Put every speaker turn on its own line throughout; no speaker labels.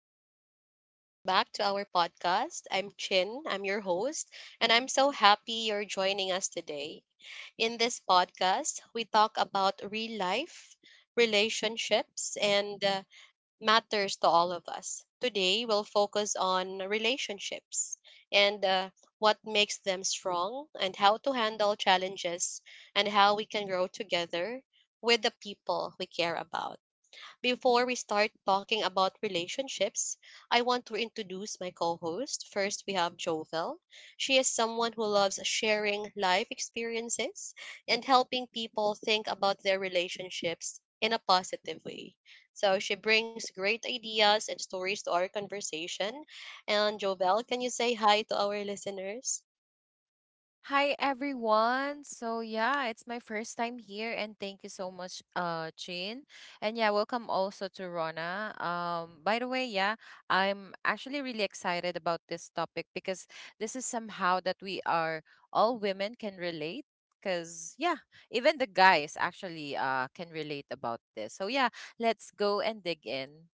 everyone, and welcome back to our podcast. I'm Chin, I'm your host, and I'm so happy you're joining us today. In this podcast, we talk about real life, relationships, and matters to all of us. Today, we'll focus on relationships and what makes them strong, and how to handle challenges, and how we can grow together with the people we care about. Before we start talking about relationships, I want to introduce my co host. First, we have Jovel. She is someone who loves sharing life experiences and helping people think about their relationships in a positive way. So, she brings great ideas and stories to our conversation. And, Jovel, can you say hi to our listeners?
Hi everyone. So yeah, it's my first time here and thank you so much Chin. And yeah, welcome also to Rona. By the way, yeah, I'm actually really excited about this topic because this is somehow that we are all women can relate because yeah, even the guys actually can relate about this. So yeah, let's go and dig in.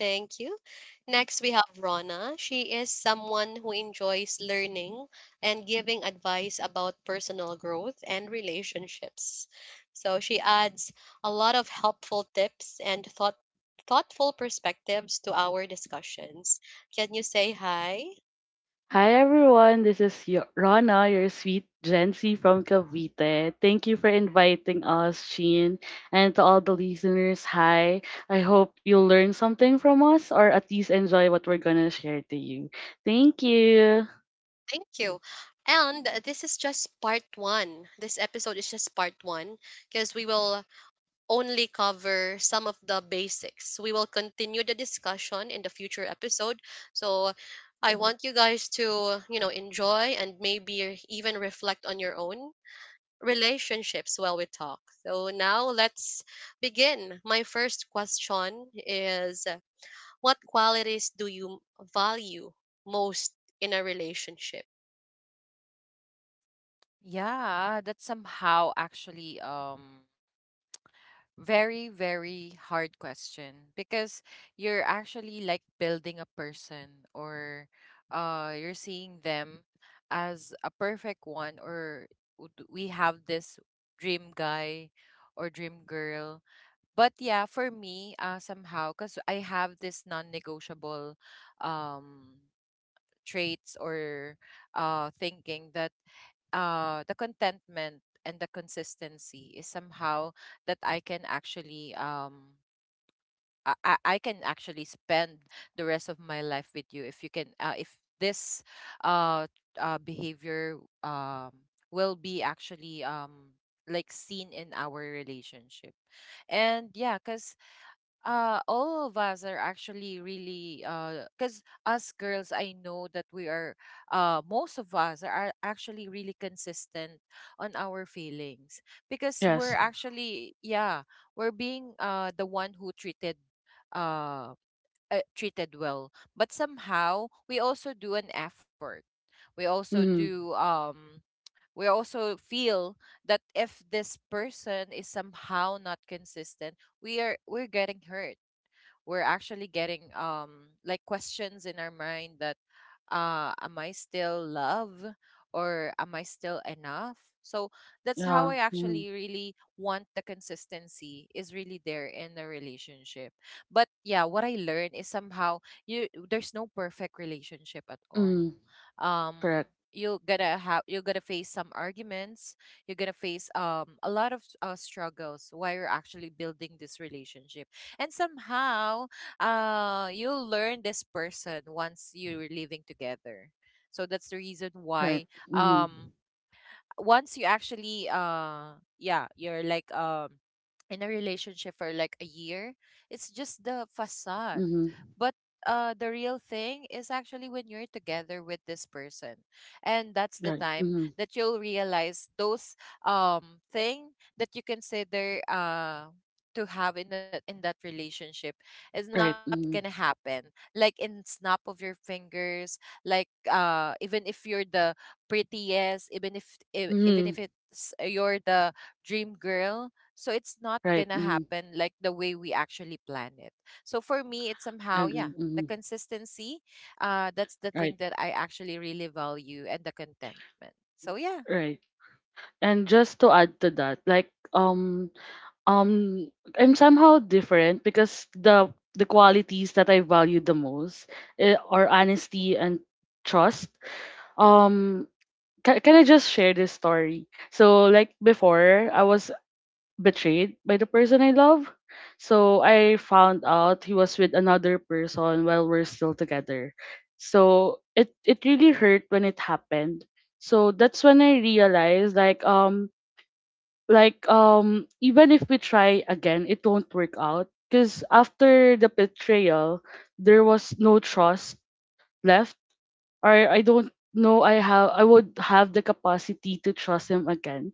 Thank you. Next, we have Rona. She is someone who enjoys learning and giving advice about personal growth and relationships. So she adds a lot of helpful tips and thoughtful perspectives to our discussions. Can you say hi?
Hi everyone, this is Rana, your sweet Gen Z from Cavite. Thank you for inviting us, Sheen, and to all the listeners. Hi, I hope you learn something from us or at least enjoy what we're gonna share to you. Thank you.
Thank you. And this is just part one. This episode is just part one because we will only cover some of the basics. We will continue the discussion in the future episode. So I want you guys to enjoy and maybe even reflect on your own relationships while we talk. So now let's begin. My first question is what qualities do you value most in a relationship?
Yeah, that's somehow actually very very hard question because you're actually like building a person or you're seeing them as a perfect one or we have this dream guy or dream girl. But yeah, for me somehow, cuz I have this non-negotiable um traits, or thinking that the contentment and the consistency is somehow that I can actually I can actually spend the rest of my life with you if you can if this uh, behavior um will be actually like seen in our relationship. And yeah, because all of us are actually really because us girls, I know that most of us are actually really consistent on our feelings because we're
Yes.
actually, yeah, we're being the one who uh, treated well, but somehow we also do an effort. We also
Mm.
do. We also feel that if this person is somehow not consistent, we're getting hurt, we're actually getting like questions in our mind that am I still love or am I still enough? So that's how
Yeah.
I actually
Mm.
really want the consistency is really there in the relationship. But yeah, what I learned is somehow you there's no perfect relationship at all.
Mm.
Um
Correct.
you're gonna face some arguments, you're gonna face a lot of struggles while you're actually building this relationship, and somehow you'll learn this person once you're living together. So that's the reason
Right.
why
Mm.
um once you actually yeah you're like in a relationship for like a year, it's just the facade.
Mm.
But the real thing is actually when you're together with this person, and that's the
Right.
time
Mm.
that you'll realize those thing that you consider to have in that relationship is
Right.
not
Mm.
gonna happen like in snap of your fingers, like even if you're the prettiest, even if even
Mm.
if it's you're the dream girl. So it's not
Right.
gonna
Mm.
happen like the way we actually plan it. So for me, it's
I
somehow yeah,
agree.
the
Mm.
consistency. That's the thing
Right.
that I actually really value, and the contentment. So yeah.
Right. And just to add to that, um I'm somehow different because the qualities that I value the most are honesty and trust. Um can I just share this story? So like before I was betrayed by the person I love. So I found out he was with another person while we're still together. So it really hurt when it happened. So that's when I realized like even if we try again it won't work out because after the betrayal there was no trust left, or I don't know I have I would have the capacity to trust him again.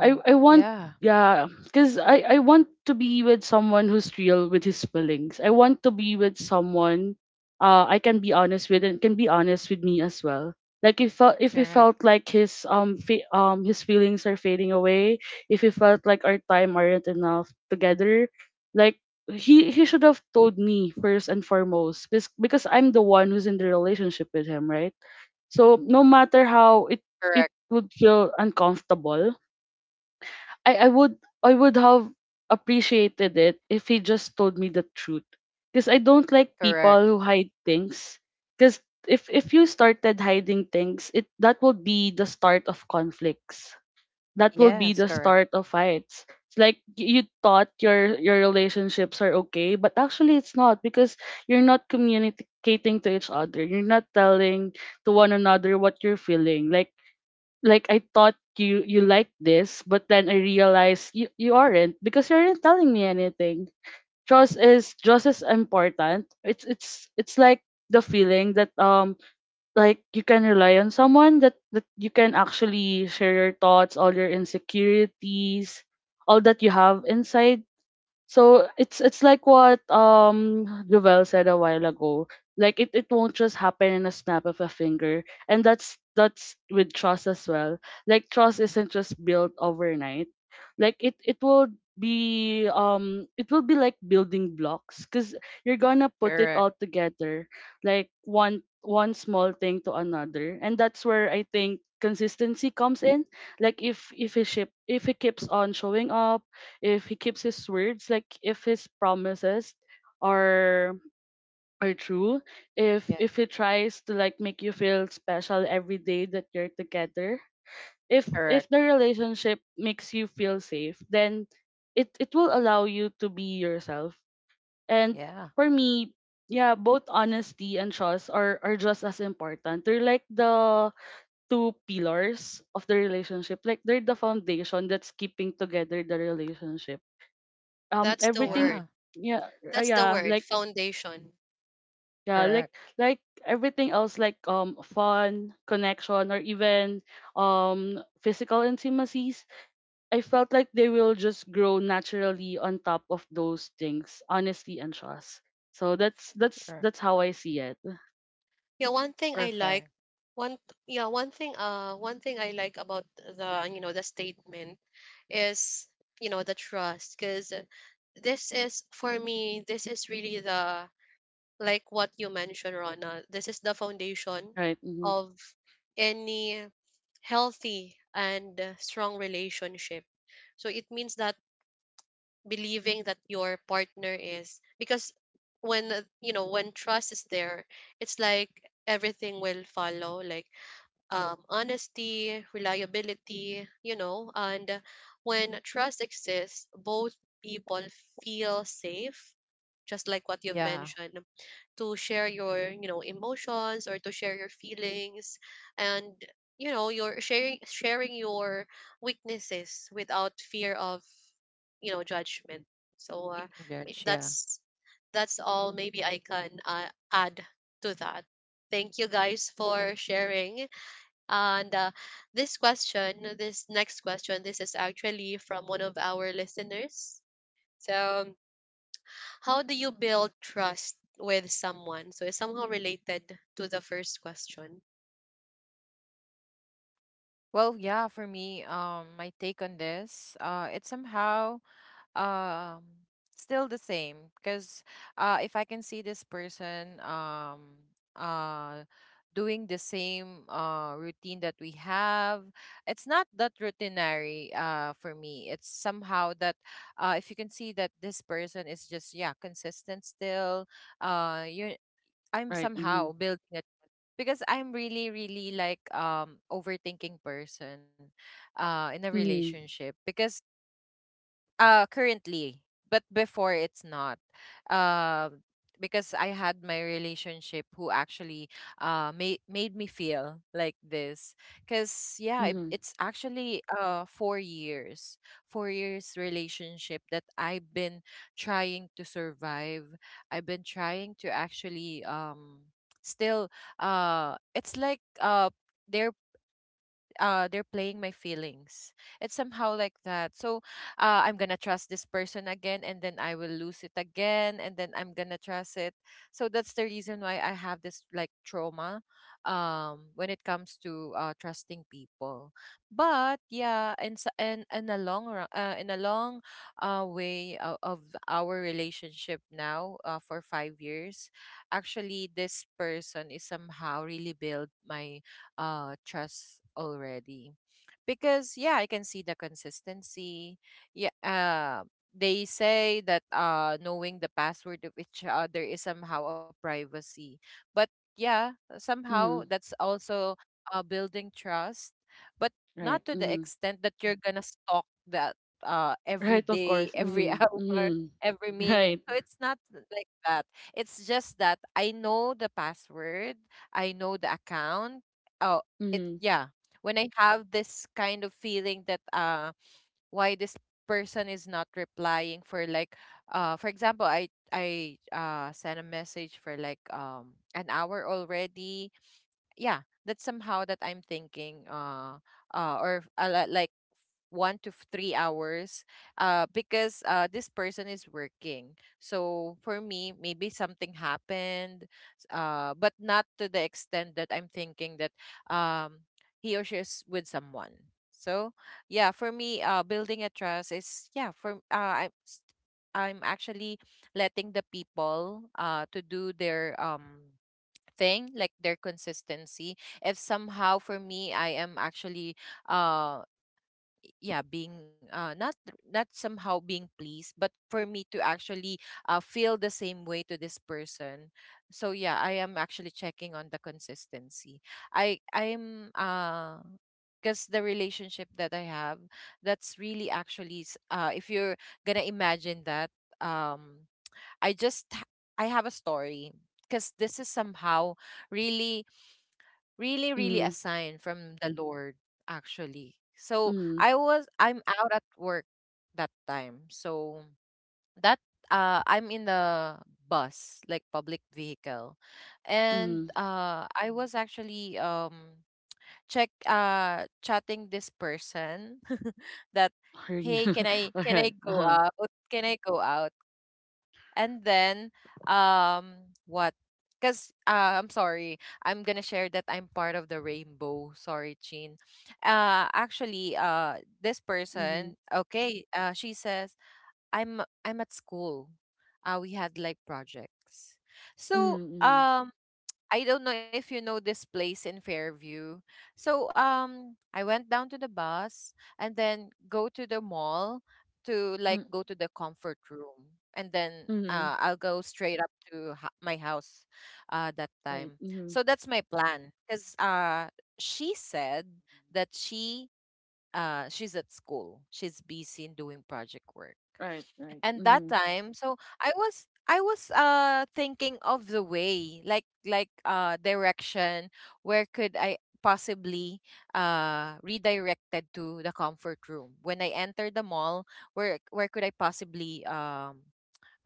I want
yeah,
Yeah, because I want to be with someone who's real with his feelings. I want to be with someone I can be honest with and can be honest with me as well. Like if it
correct,
felt like his his feelings are fading away, if he felt like our time aren't enough together, like he should have told me first and foremost because I'm the one who's in the relationship with him, right? So no matter how it
correct,
would feel uncomfortable, I, I would I would have appreciated it if he just told me the truth. Because I don't like
correct.
people who hide things. Because if you started hiding things, it that will be the start of conflicts. That will be the
Yes, correct,
start of fights. It's like you thought your relationships are okay, but actually it's not because you're not communicating to each other. You're not telling to one another what you're feeling. Like I thought you like this, but then I realized you aren't because you aren't telling me anything. Trust is just as important. It's like the feeling that like you can rely on someone, that you can actually share your thoughts, all your insecurities, all that you have inside. So it's like what Jovel said a while ago. Like it won't just happen in a snap of a finger. And that's with trust as well. Like trust isn't just built overnight. Like it will be it will be like building blocks because you're gonna put it
correct.
all together, like one small thing to another, and that's where I think consistency comes in. Like if he keeps on showing up, if he keeps his words, like if his promises are are true, if he
Yes,
tries to make you feel special every day that you're together, if
correct.
the relationship makes you feel safe, then it will allow you to be yourself. And
Yeah,
for me, yeah, both honesty and trust are just as important. They're like the two pillars of the relationship. Like they're the foundation that's keeping together the relationship,
That's the
everything.
word.
yeah,
Yeah. uh,
That's the
yeah
word,
like
foundation.
yeah
correct,
like like everything else, like fun, connection, or even physical intimacies. I felt like they will just grow naturally on top of those things, honesty and trust. So that's that's
correct.
that's how I see it.
Yeah, one thing I like
Perfect.
one yeah, one thing I like about the statement is the trust, because this is for me, this is really the, like, what you mentioned, Rona, this is the foundation
Right. Mm-hmm.
of any healthy and strong relationship. So it means that believing that your partner is, because when you know when trust is there, it's like everything will follow, like honesty, reliability, and when trust exists, both people feel safe, just like what you've
Yeah,
mentioned, to share your emotions or to share your feelings, and your sharing your weaknesses without fear of judgment. So
good.
may-
Yeah.
that's that's all maybe I can add to that. Thank you guys for sharing, and this question, this next question, this is actually from one of our listeners. So, how do you build trust with someone? So, it's somehow related to the first question.
Well, yeah, for me, my take on this, it's somehow um still the same because if I can see this person uh doing the same routine that we have, it's not that routinary for me. It's somehow that if you can see that this person is just yeah consistent still, you I'm
Right. Mm-hmm.
somehow building it because I'm really, really like overthinking person in a
Mm-hmm.
relationship because currently, but before it's not. Um, because I had my relationship who actually made me feel like this. Cause yeah, it,
Mm-hmm.
it's actually 4 years relationship that I've been trying to survive. I've been trying to actually still it's like they're they're playing my feelings. It's somehow like that. So I'm gonna trust this person again, and then I will lose it again, and then I'm gonna trust it. So that's the reason why I have this like trauma when it comes to trusting people. But yeah, and in a long way of our relationship now, for 5 years actually this person is somehow really build my trust already, because yeah, I can see the consistency. Yeah, they say that knowing the password of each other is somehow a privacy, but yeah, somehow
Mm-hmm.
that's also building trust. But not
Right.
to the
Mm-hmm.
extent that you're gonna stalk that every
Right, of
day,
course.
every
Mm-hmm.
hour,
Mm-hmm.
every minute.
Right.
So it's not like that. It's just that I know the password, I know the account. Uh, it
Mm-hmm.
yeah When I have this kind of feeling that why this person is not replying for like, for example, I sent a message for like an hour already, yeah. That's somehow that I'm thinking or like one to 3 hours, because this person is working. So for me, maybe something happened, but not to the extent that I'm thinking that um, he or she is with someone. So yeah, for me, building a trust is yeah. I'm actually letting the people to do their thing, like their consistency. If somehow for me I am actually uh yeah being not somehow being pleased, but for me to actually feel the same way to this person. So yeah, I am actually checking on the consistency. I I'm Because the relationship that I have, that's really actually if you're gonna imagine that, um i just h- I have a story because this is somehow really really really a
Mm-hmm.
sign from the Lord actually. So
Mm-hmm.
I'm out at work that time, so that I'm in the bus, like public vehicle. And
Mm-hmm.
I was actually check chatting this person that,
Are you?
hey, can i can i
Alright,
go
uh-huh.
out, can i go out and then what? Cuz I'm sorry. I'm going to share that I'm part of the rainbow. Sorry, Chin. Actually, this
Mhm.
person, okay, she says, I'm at school. We had like projects. So
Mm, mhm.
I don't know if you know this place in Fairview. So I went down to the bus and then go to the mall to like
Mm,
go to the comfort room, and then
mhm.
I'll go straight up to my house that
Right,
time.
mhm.
So that's my plan, cuz she said that she's at school. She's busy in doing project work.
Right, right.
And that
Mhm.
time, so I was thinking of the way, like direction, where could I possibly redirected to the comfort room when I entered the mall. Where could I possibly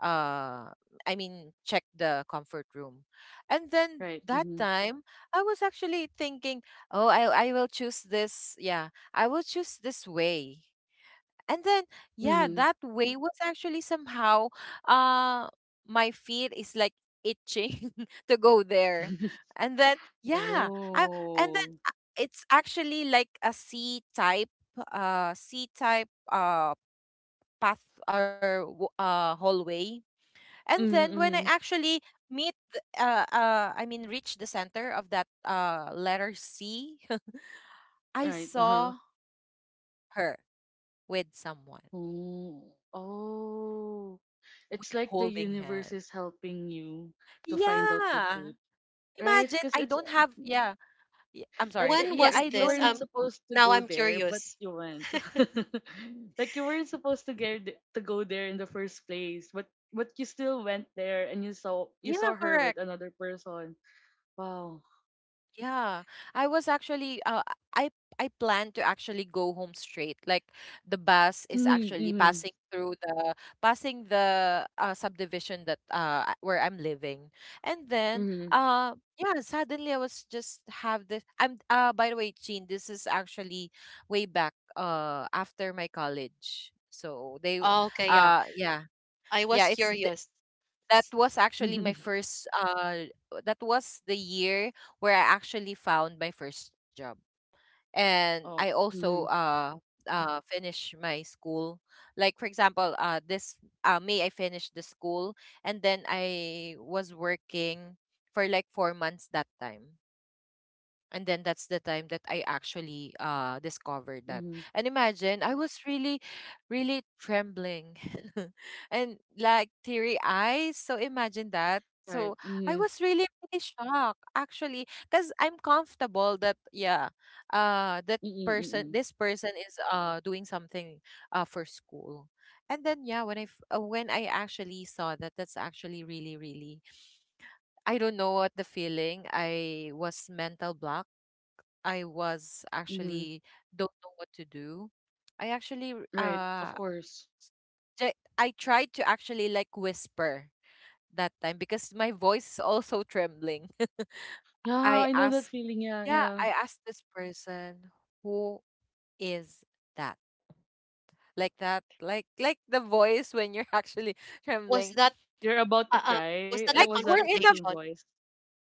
uh I mean check the comfort room? And then
Right,
that
mhm.
time I was actually thinking, oh, I will choose this way. And then yeah,
Mhm.
that way was actually somehow uh my feet is like itching to go there. And then and then
Oh.
uh, it's actually like a c type path or hallway. And
Mhm,
then when I
mhm.
actually I mean reach the center of that letter c, I
Right, uh-huh.
saw her with someone,
Oh. Oh.
with
It's like the
holding
universe
hand,
is helping you to find out the
yeah.
truth, right?
Imagine
Because
I
it's
don't have,
um,
yeah, I'm sorry.
like
When
Yeah,
you
was
I
you
don't
this?
weren't
Um,
have,
supposed to
now
go
I'm
there, but
curious.
you went. Like you weren't supposed to to go there in the first place, but you still went there and
yeah,
you saw her
correct.
with another person. Wow.
Yeah. I was actually I I plan to actually go home straight. Like the bus is actually
Mm-hmm.
passing the subdivision where I'm living. And then
Mm-hmm.
yeah, suddenly I was just have this, I'm by the way, Chin, this is actually way back after my college. So they
Oh, okay, yeah,
yeah.
I was
Yeah,
curious.
that
S-
was actually my
Mm-hmm.
first uh that was the year where I actually found my first job. And I
Oh.
also
Mm-hmm,
finish my school. Like for example, this May I finished the school, and then I was working for like 4 months that time, and then that's the time that I actually discovered that.
mm-hmm.
And imagine I was really, really trembling and like teary eyes. So imagine that.
Right.
So I
Mm-hmm,
was really, really shocked actually because I'm comfortable that yeah, that
mm-hmm,
person
mm-hmm.
this person is doing something for school. And then yeah, when when I actually saw that, that's actually really really, I don't know what the feeling. I was mental block, I was
Mm-hmm.
actually don't know what to do. I actually r-
Right. Of
uh
course.
I tried to actually like whisper that time because my voice is also trembling.
Yeah,
I
I know that
asked
feeling. Yeah,
yeah,
yeah.
I asked this person, who is that? Like that, like the voice when you're actually
Was
trembling.
You're about to
uh, um was
cry.
that
Like
a
Was
we're
that the
in a
same
confrontation?
voice?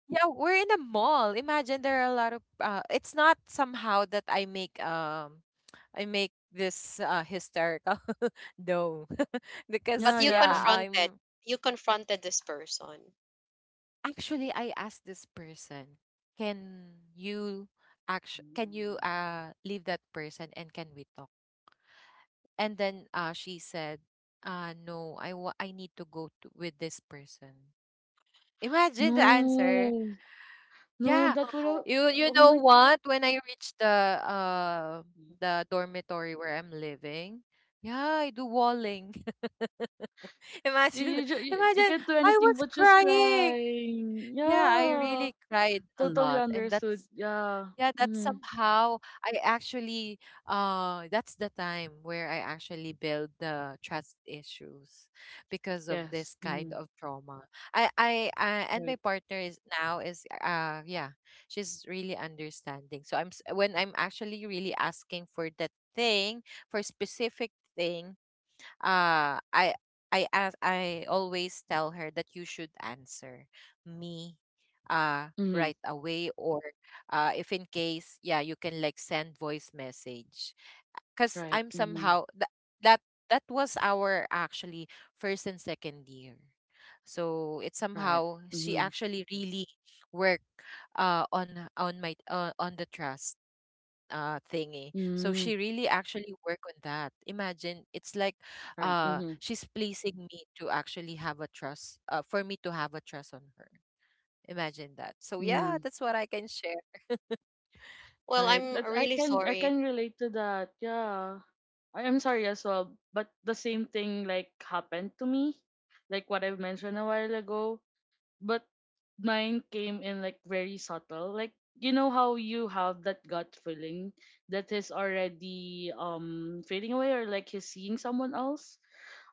Yeah, we're in a mall. Imagine there are a lot of it's not somehow that I make this hysterical No,
But
Yeah,
because
you
yeah,
yeah.
confronted,
I'm
you confronted this person.
actually I asked this person, can you act can you leave that person and can we talk? And then she said, no, I need to go with this person. Imagine the answer.
No. No,
Yeah.
that would have.
Wow.
You
Oh
know
my.
what? When I reach uh
You,
the dormitory where I'm living, yeah, I do walling. imagine
you, you
Imagine
can't do
I
anything
was
but just
crying.
crying.
Yeah, I
Yeah.
really cried a
Totally
lot, and
understood.
that's
Yeah.
yeah, that's
Mm-hmm.
somehow I actually that's the time where I actually build the trust issues because of
Yes.
this kind
Mm-hmm.
of trauma. I And
Right.
my partner is now is yeah, she's really understanding. So when I'm actually really asking for that thing, for specific thing, uh I I ask, I always tell her that you should answer me
Mm-hmm.
right away or if in case yeah you can like send voice message because
Right.
I'm
Mm-hmm.
somehow that that that was our actually first and second year, so it's
Right.
somehow she
Mm-hmm.
actually really worked on my on the trust thingy, so
Mm-hmm.
she really actually work on that. Imagine, it's like
Right. Mm-hmm.
she's pleasing me to actually have a trust for me to have a trust on her. Imagine that. So yeah,
Mm-hmm.
that's what I can share.
Well,
Right.
I'm
That
really
I
sorry.
can relate to that. Yeah. I am sorry as well, but the same thing like happened to me, like what I've mentioned a while ago. But mine came in like very subtle. Like you know how you have that gut feeling that is already fading away, or like he's seeing someone else.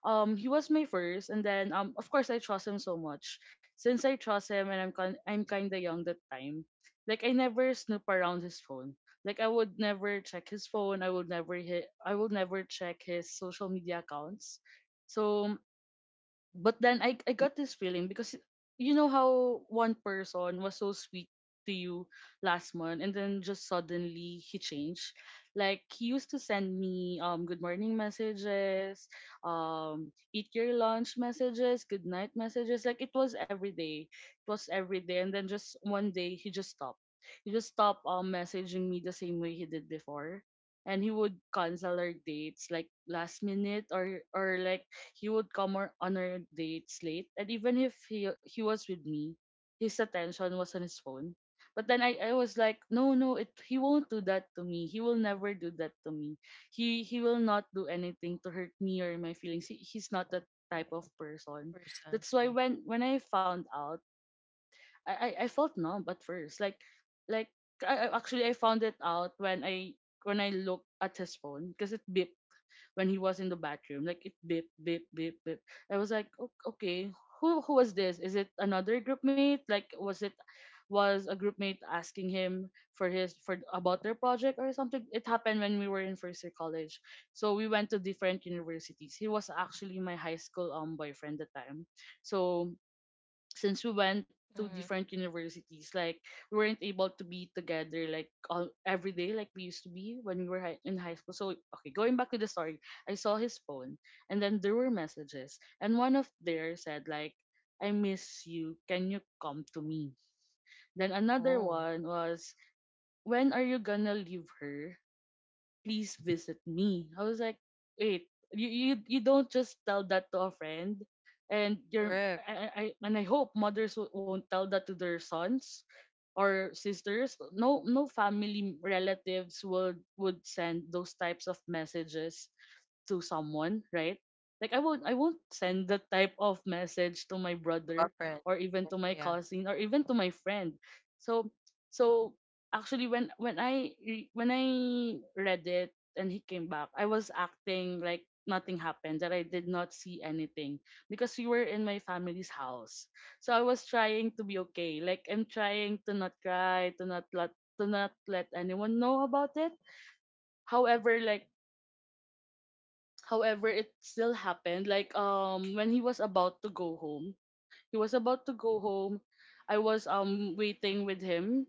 He was my first, and then of course I trust him so much. Since I trust him, and I'm kinda young that time, like I never snoop around his phone. Like I would never check his phone. I would never hit. I would never check his social media accounts. So but then I got this feeling because you know how one person was so sweet to you last month and then just suddenly he changed. Like he used to send me good morning messages, eat your lunch messages, good night messages. Like it was every day. It was every day and then just one day he just stopped. He just stopped messaging me the same way he did before. And he would cancel our dates like last minute, or like he would come or on our dates late, and even if he was with me, his attention was on his phone. But then I was like, no, no, it he won't do that to me. He will never do that to me. He will not do anything to hurt me or my feelings. He's not that type of person. That's
Person,
why
yeah.
when I found out, I felt numb at first. Like actually I found it out when I looked at his phone because it beeped when he was in the bathroom. Like it beep beep beep beep. I was like, Okay, who was this? Is it another group mate? Like was it was a group mate asking him for about their project or something?" It happened when we were in first year college. So we went to different universities. He was actually my high school boyfriend at the time. So since we went to
Mhm.
different universities, like we weren't able to be together like every day like we used to be when we were in high school. So okay, going back to the story, I saw his phone, and then there were messages, and one of there said like, "I miss you. Can you come to me?" Then another
Oh,
one was, "When are you gonna leave her? Please visit me." I was like, wait, you don't just tell that to a friend, and your
correct.
and I hope mothers won't tell that to their sons or sisters. No no family relatives would send those types of messages to someone, right? Like I won't send that type of message to my brother
Girlfriend.
or even to
Oh,
my
yeah.
cousin or even to my friend. So so actually when when I read it and he came back, I was acting like nothing happened, that I did not see anything, because we were in my family's house. So I was trying to be okay. Like I'm trying to not cry, to not let anyone know about it. However, like however, it still happened. Like when he was about to go home, he was about to go home. I was waiting with him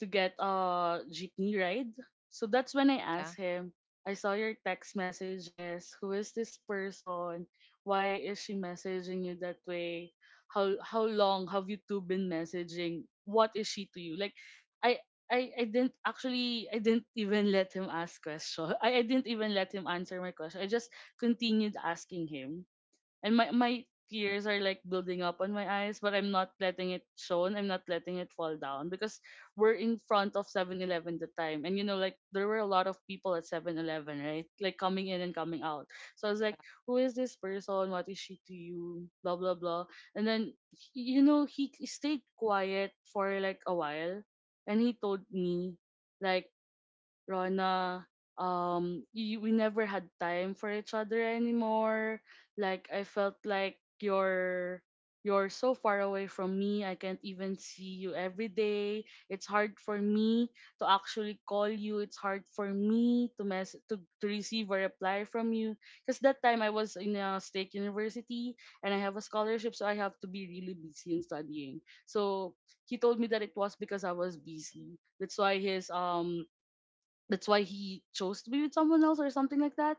to get a jeepney ride. So that's when I
Yeah.
asked him, I saw your text messages. Who is this person? Why is she messaging you that way? How long have you two been messaging? What is she to you? Like I I didn't actually I didn't even let him ask question. I didn't even let him answer my question. I just continued asking him, and my tears are like building up on my eyes, but I'm not letting it shown, I'm not letting it fall down, because we're in front of Seven Eleven the time, and like, there were a lot of people at Seven Eleven, right, like coming in and coming out. So I was like, who is this person, what is she to you, blah blah blah. And then he stayed quiet for like a while, and he told me, like, Rona, we never had time for each other anymore. Like I felt like you're so far away from me. I can't even see you every day. It's hard for me to actually call you. It's hard for me to receive a reply from you. Because that time I was in a state university and I have a scholarship, so I have to be really busy in studying. So he told me that it was because I was busy. That's why he chose to be with someone else or something like that.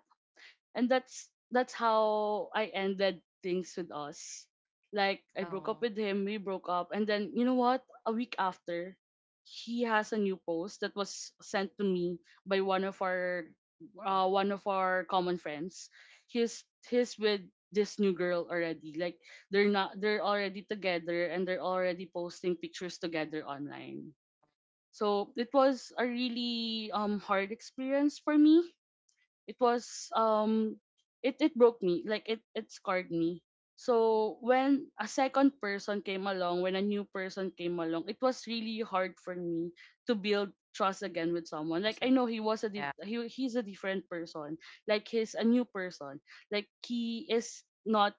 And that's how I ended things with us. Like I broke up
Oh,
with him. We broke up, and then, you know what, a week after, he has a new post that was sent to me by
well,
one of our common friends. He's with this new girl already. Like they're not, they're already together, and they're already posting pictures together online. So it was a really hard experience for me. It was um it broke me, like it scarred me. So when a second person came along, when a new person came along, it was really hard for me to build trust again with someone.
that's
Like
like,
I know he was a
yeah.
dif- he he's a different person. Like he's a new person. Like he is not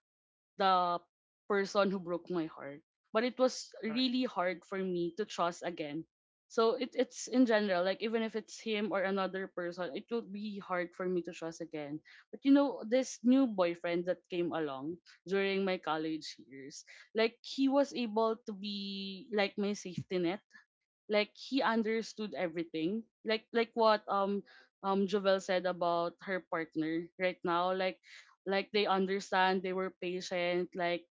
the person who broke my heart. But it was
Correct.
really hard for me to trust again. So it's in general, like even if it's him or another person, it will be hard for me to trust again. But, this new boyfriend that came along during my college years, like he was able to be like my safety net. Like he understood everything, like what Jovel said about her partner right now, like they understand, they were patient. Like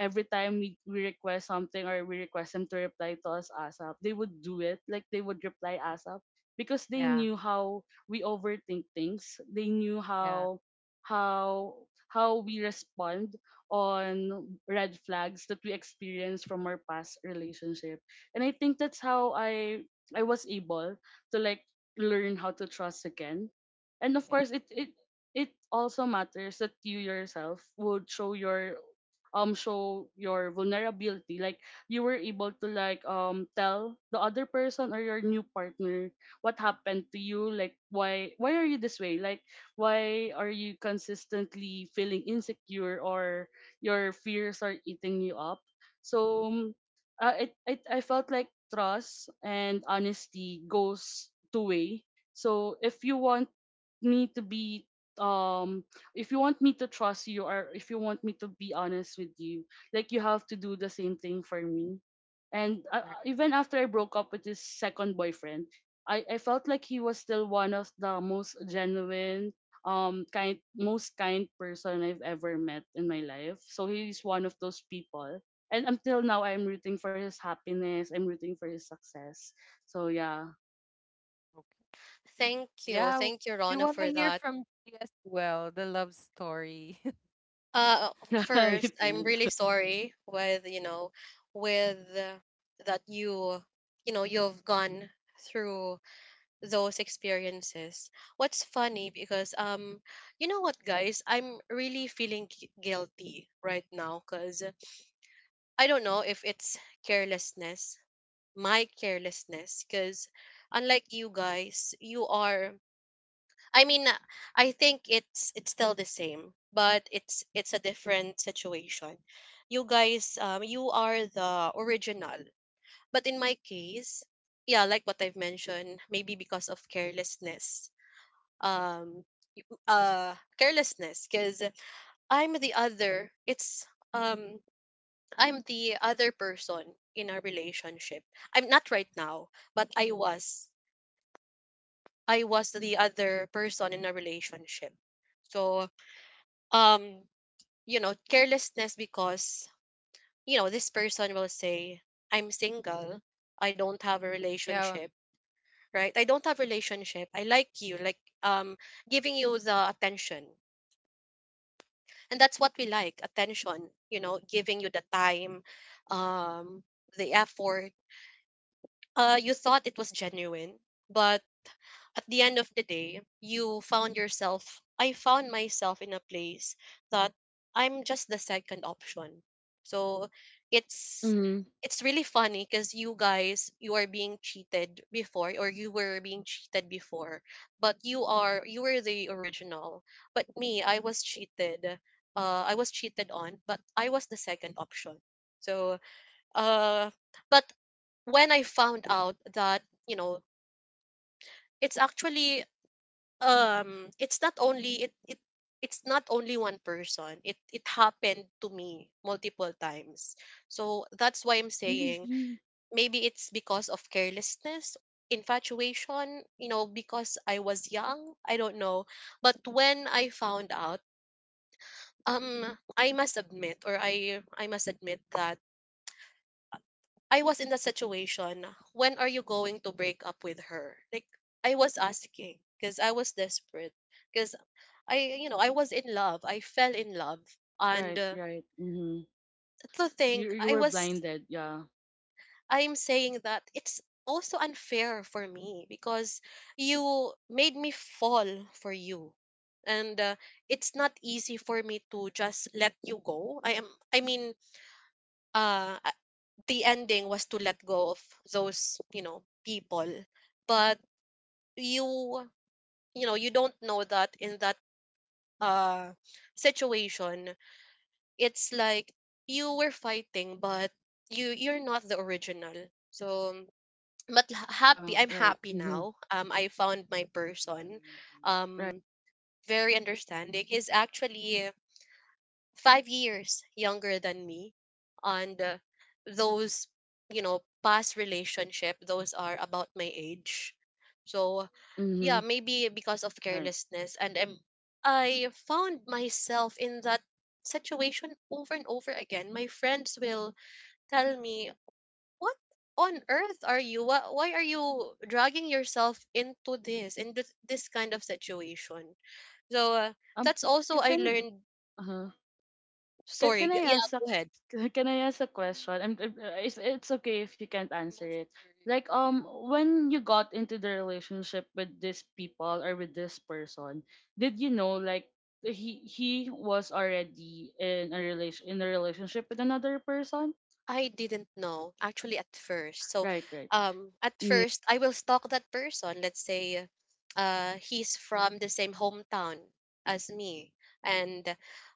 every time we request something, or we request them to reply to us ASAP, they would do it. Like they would reply ASAP, because they
Yeah.
knew how we overthink things. They knew
Yeah.
how we respond on red flags that we experience from our past relationship. And I think that's how I was able to like learn how to trust again. And
Yeah.
of course it also matters that you yourself would show your vulnerability. Like you were able to like tell the other person or your new partner what happened to you, like, why are you this way, like why are you consistently feeling insecure, or your fears are eating you up. So it, it I felt like trust and honesty goes two way. So if you want me to be um if you want me to trust you, or if you want me to be honest with you, like you have to do the same thing for me. And
Correct.
even after I broke up with this second boyfriend, I felt like he was still one of the most genuine kind most kind person I've ever met in my life. So he's one of those people, and until now I'm rooting for his happiness, I'm rooting for his success. So yeah.
Okay.
Thank you.
Yeah.
Thank you,
We
Rona,
want to
for
hear
that.
from you as well, the love story.
Uh,
Right,
first, I'm
right.
really sorry with, you know, with that you've gone through those experiences. What's funny, because you know what, guys, I'm really feeling guilty right now, because I don't know if it's carelessness, my carelessness, because unlike you guys, you are I mean, I think it's still the same, but it's a different situation. You guys, you are the original, but in my case, yeah, like what I've mentioned, maybe because of um, carelessness, because I'm the other. It's um, I'm the other person in our relationship. I'm not right now, but I was. I was the other person in a relationship. So um carelessness, because this person will say, I'm single, I don't have a
Yeah.
relationship, right, I don't have relationship. I like you, like, giving you the attention, and that's what we like, attention, giving you the time, um the effort, you thought it was genuine, but at the end of the day, you found yourself, I found myself in a place that I'm just the second option. So it's
Hmm.
it's really funny, because you guys, you are being cheated before, or you were being cheated before, but you were the original, but me, I was cheated, I was cheated on, but I was the second option. So, uh but when I found out that, you know it's actually, um it's not only it, it it's not only one person, it happened to me multiple times. So that's why I'm
Really?
saying, maybe it's because of carelessness, infatuation, because I was young, I don't know. But when I found out, um I must admit that I was in that situation. When are you going to break up with her? Like, I was asking because I was desperate, because I you know I was in love. I fell in love, and
Right, right. Hmm.
to
You
think
you
I
were
was
blinded. Yeah.
I'm saying that it's also unfair for me, because you made me fall for you, and it's not easy for me to just let you go. I am i mean uh the ending was to let go of those people, but you you don't know that in that uh situation, it's like you were fighting, but you're not the original. So, but, h-
Yeah.
happy I'm
Right.
happy
Mm-hmm.
now. I found my person,
Right.
um very understanding. He's actually 5 years younger than me, and those past relationship, those are about my age. So yeah,
Mm-hmm.
maybe because of
Right.
carelessness, and I found myself in that situation over and over again. My friends will tell me, what on earth are you, why are you dragging yourself into this kind of situation. So
Um.
that's also
c-
I
Can
learned.
uh can
Sorry,
can I
yeah,
ask a,
go.
can I ask a question? It's okay if you can't
I'm
answer
also
it.
curious.
Like, when you got into the relationship with these people or with this person, did you know like he was already in a relationship with another person?
I didn't know actually at first. So,
Right. Right.
at
Mm-hmm.
first I will stalk that person. Let's say, he's from the same hometown as me, and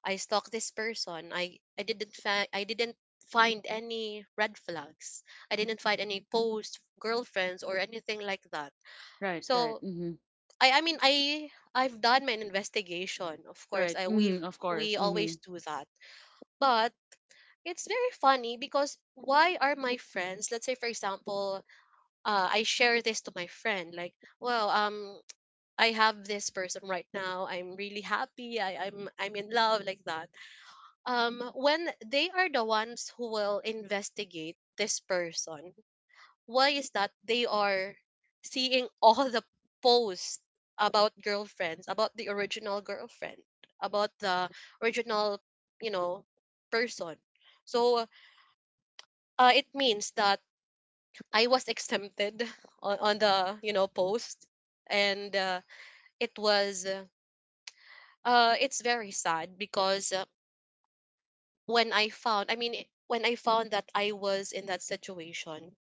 I stalk this person. I didn't I didn't find any red flags. I didn't find any post girlfriends or anything like that.
Right. Right.
So
Mm-hmm.
I mean, I've done my investigation. Of course,
Right.
I
Mm-hmm. Of
we
course.
always
Mm-hmm.
do that. But it's very funny, because why are my friends, let's say for example, I share this to my friend, like, well, I have this person right now, I'm really happy. I'm in love, like that, when they are the ones who will investigate this person. Why is that they are seeing all the posts about girlfriends, about the original girlfriend, about the original you know person. So it means that I was exempted on the post, and it was uh, it's very sad, because when I found, I mean, I- when I found that I was in that situation,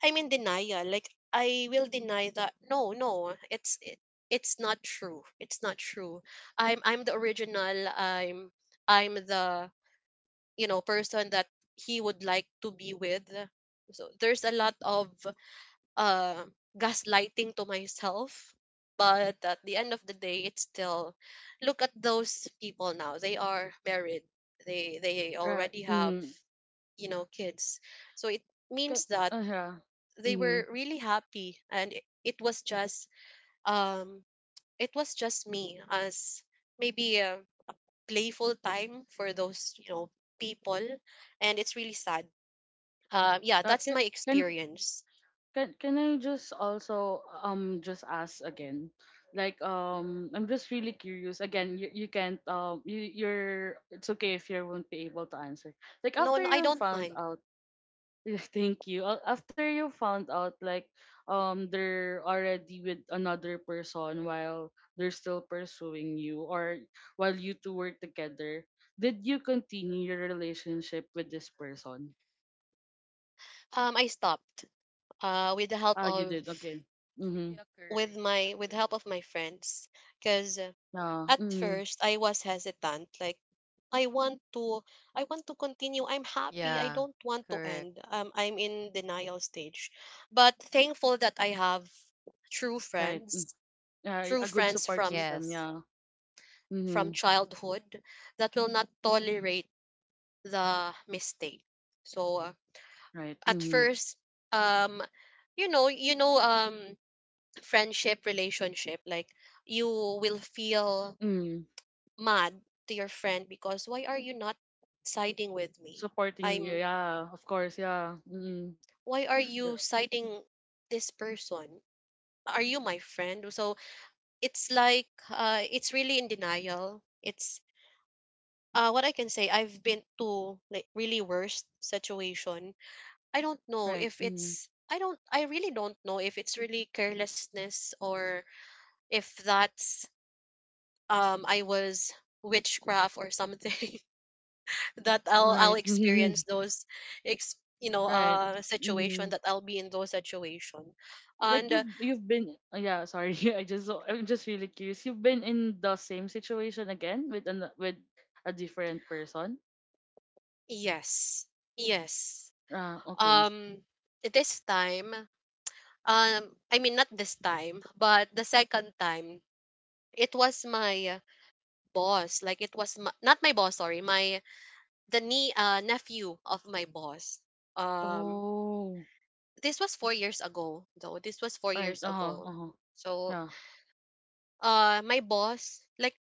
I'm in denial. Like, I will deny that. No, no, it's, it's not true. It's not true. I'm the original. I'm the person that he would like to be with. So there's a lot of uh, gaslighting to myself. But at the end of the day, it's still, look at those people now. They are married. They
Right.
already have
Mm-hmm.
you know kids. So it
Can,
means that
yeah.
they
Mm-hmm.
were really happy, and it was just, um me as maybe a playful time for those people, and it's really sad. Yeah,
Uh,
that's
can,
my
can
experience.
can I just also just ask again? Like, I'm just really curious. Again, you can't, you you're it's okay if you won't be able to answer. Like
No,
after
no, I
you
don't
found
mind.
out, yes, thank you. After you found out, like, they're already with another person while they're still pursuing you, or while you two were together, did you continue your relationship with this person?
I stopped. With the help
Ah, you
of
did. Okay. Mhm.
It's really a
with
courage,
my with the help of
actually.
my friends, because
Yeah.
at
Mhm.
first, I was hesitant. Like, I want to, I want to continue. I'm happy. I don't
Yeah.
want to end.
Correct.
I'm in denial stage, but thankful that I have true
Right. Mm.
friends,
Yeah,
true
a good
friends
support
from
Yes.
system. Yeah.
from
Mhm.
childhood that will not tolerate the mistake. So
Right.
at
Mhm.
first, um, you know, you know, um, friendship relationship, like, you will feel
Mhm.
mad to your friend, because, why are you not siding with me?
Supporting you.
I'm
Yeah. Of course. Yeah. Mhm.
why are you
Yeah.
siding this person? Are you my friend? So it's really in denial. It's What I can say, I've been to like really worst situation. I don't know
Right.
if
Mhm.
it's I don't I really don't know if it's really carelessness, or if that's, I was witchcraft or something that I'll
Right.
experience those ex you know
right.
uh
Mhm.
situation that I'll be in those situation.
Like
And
you've been, yeah, sorry, I'm just really curious, you've been in the same situation again with a different person.
yes. Yes.
Ah, okay.
Um this time, um I mean, not this time, but the second time, it was my boss, like it was my, not my boss, sorry, my the nie nephew of my boss. Um
Oh.
this was 4 years ago though. This was 4
Right.
years
Uh-huh.
ago.
Uh-huh.
So
Yeah.
uh my boss, like,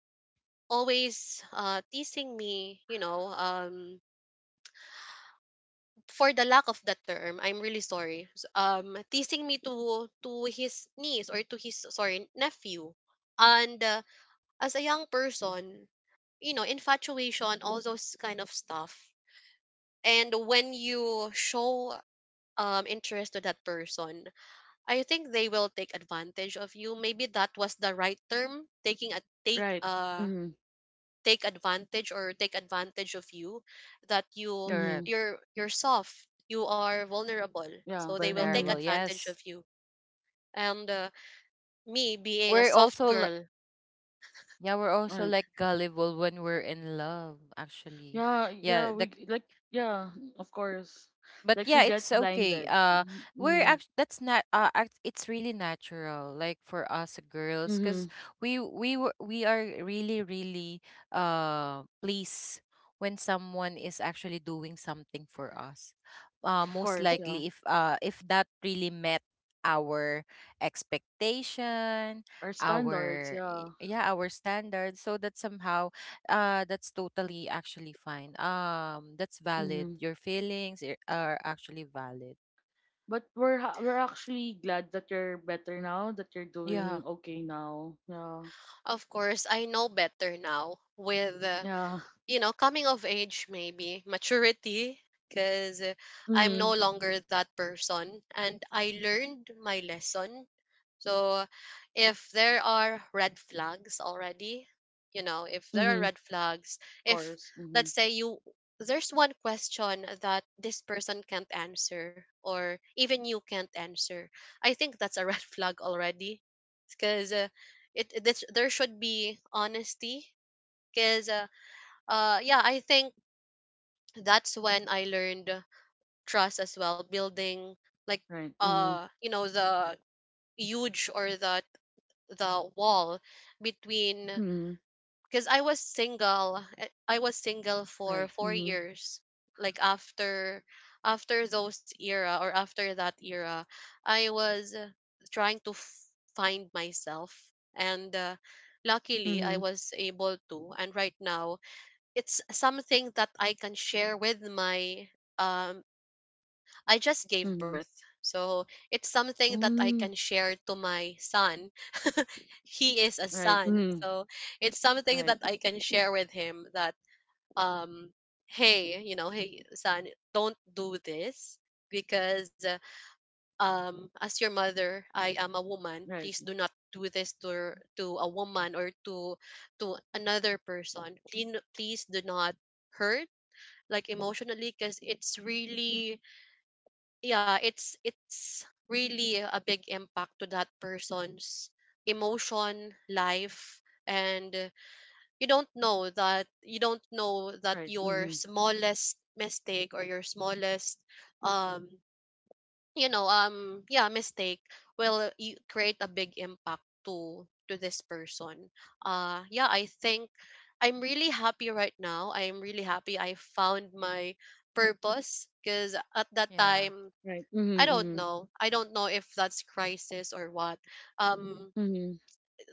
always teasing me, you know, for the lack of the term, I'm really sorry, teasing me to his niece, or to his, sorry, nephew. And as a young person, you know, infatuation, all those kind of stuff. And when you show interest to that person, I think they will take advantage of you. Maybe that was the right term, taking a take
Right. Mm-hmm.
take advantage, or take advantage of you, that
Mm-hmm.
Correct.
you're soft, you are vulnerable, so
Yeah.
they will take
Mm-hmm.
Vulnerable.
advantage of
Yes.
you. And me being a
We're
soft
also, l-
girl,
yeah, we're also
Right.
like gullible when we're in love, actually.
Yeah, yeah,
Yeah. The.
like, yeah, of course,
But
like we
yeah,
get
it's okay.
blinded.
We're
Mm-hmm.
actually, that's not it's really natural like for us girls, because
Mm-hmm.
we are really, really pleased when someone is actually doing something for us,
Of
most
course. Yeah.
likely if that really met our expectation,
Our standards. Yeah.
yeah, our standards. So that somehow that's totally actually fine. That's valid.
Mm-hmm.
Are actually valid.
But we're actually glad that you're better now, that you're
Yeah.
doing okay now. Yeah.
of course I know better now with
Yeah.
you know, coming of age, maybe maturity, because I'm no
Mhm.
longer that person and I learned my lesson. So, if there are red flags already, you know, if there are
Mhm.
red flags,
Of
if
course.
let's
Mhm.
say you, there's one question that this person can't answer, or even you can't answer, I think that's a red flag already, because there should be honesty, because yeah, I think that's when I learned trust as well building, like,
Right. Mhm.
you know, the huge, or the wall between.
Mhm.
Because I was single, I was single for
Right.
four
Mhm.
years like after, after those era, or after that era, I was trying to find myself, and luckily I
Mhm.
was able to. And right now it's something that I can share with my um I just gave
Mhm.
birth. So it's something that I
Mm.
can share to my son. He is a
Right.
son.
Mhm.
So it's something that
Right.
I can share with him, that um hey, you know, hey son, don't do this, because as your mother, I am a woman.
Right.
Please do not do this to a woman, or to another person. Please, please do not hurt, like, emotionally, because it's really, yeah, it's really a big impact to that person's emotion life. And you don't know that, you don't know that
Right.
your
Mhm.
smallest mistake, or your smallest um you know, mistake will, you create a big impact to this person. Yeah, I think I'm really happy right now, I'm really happy I found my purpose, because at that
Yeah,
time
Right.
I
Mhm.
don't
Mhm.
know, I don't know if that's crisis or what. Mhm.
Mhm.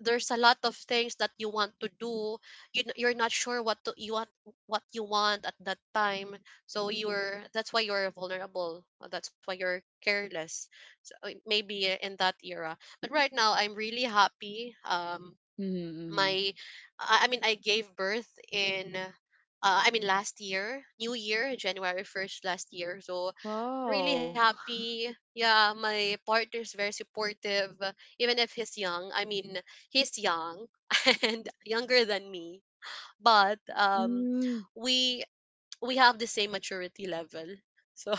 There's a lot of things that you want to do, you you're not sure what to, you want, what you want at that time, so you're, that's why you're vulnerable, that's why you're careless. So, maybe in that era, but right now I'm really happy.
Mhm. Mhm.
My, I mean I gave birth in I mean last year, new year, January 1st last year, so really
Wow.
happy. Yeah, my partner is very supportive, even if he's young. I mean, he's young and younger than me, but
Mm.
we we have the same maturity level. So,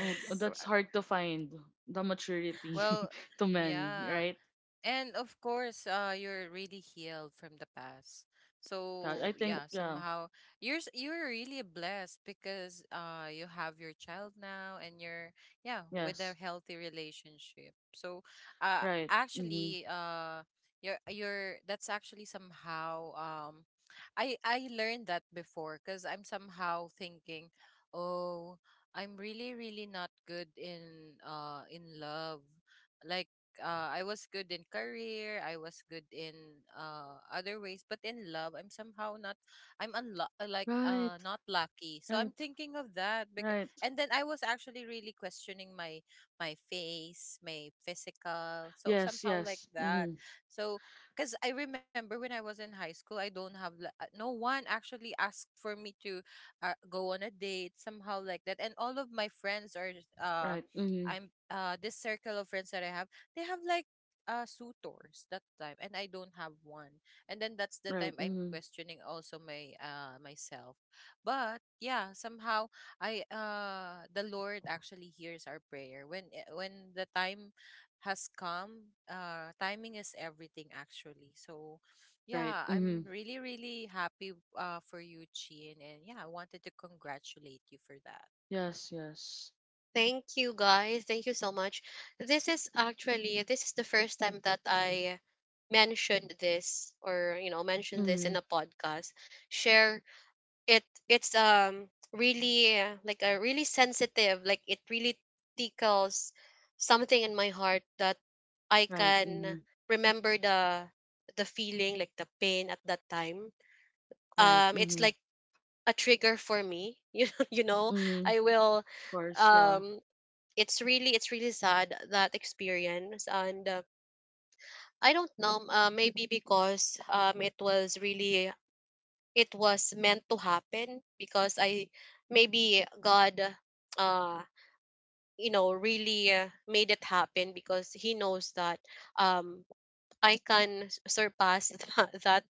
Oh, that's hard to find the maturity
Well,
to men,
yeah.
right?
And of course, you're really healed from the past. So
Yeah, I
yeah,
think yeah.
somehow you're really blessed because you have your child now and you're yeah with a
Yes.
healthy relationship. So
Right.
actually
Hmm.
you're that's actually somehow I learned that before because I'm somehow thinking, oh, I'm really, really not good in love, like I was good in career, I was good in other ways, but in love, I'm somehow not, like
Right,
not lucky. So I'm
right,
thinking of that because,
right.
and then I was actually really questioning my my face, my physical, so
Yes,
somehow like
yes.
that.
Mm-hmm.
So because I remember when I was in high school, I don't have no one actually asked for me to go on a date somehow like that, and all of my friends are uh.
Right.
I'm
Mm-hmm.
this circle of friends that I have, they have like suitors that time and I don't have one. And then that's the time
Right.
I'm
Mm-hmm.
questioning also my myself. But yeah, somehow I the Lord actually hears our prayer. When the time has come, timing is everything, actually. So yeah,
Right.
I'm
Mm-hmm.
really, really happy for you, Chin, and yeah, I wanted to congratulate you for that.
Yes, yes.
thank you guys. Thank you so much. This is actually, this is the first time that I mentioned this, or you know, mentioned this in
Mm-hmm.
a podcast. Share it, it's really like a really sensitive, like it really tickles something in my heart, that I
Right.
can
Mm-hmm.
remember the feeling, like the pain at that time.
Right.
It's
Mm-hmm.
like a trigger for me. You know, you know,
Mm-hmm.
I will
Of course, yeah.
um it's really, it's really sad, that experience. And I don't know, maybe because it was really, it was meant to happen, because I, maybe God uh you know, really made it happen, because he knows that um I can surpass that, that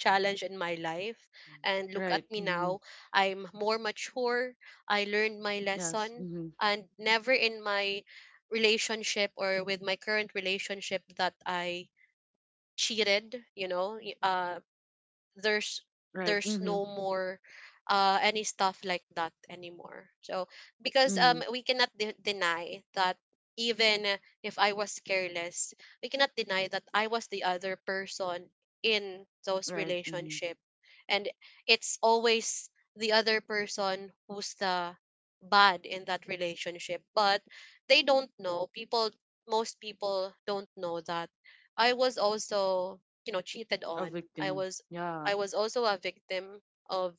challenge in my life. And look at
Right.
me
Mm-hmm.
now, I'm more mature, I learned my
Yes.
lesson.
Mm-hmm.
And never in my relationship, or with my current relationship, that I cheated, you know. uh there's
Right.
there's
Mm-hmm.
no more any stuff like that anymore. So, because
Mm-hmm.
we cannot deny that, even if I was careless, we cannot deny that I was the other person in those
Right. Mm-hmm.
relationship. And it's always the other person who's the bad in that relationship, but they don't know, people, most people don't know that I was also, you know, cheated
A
on. I
victim.
was,
Yeah.
I was also a victim of,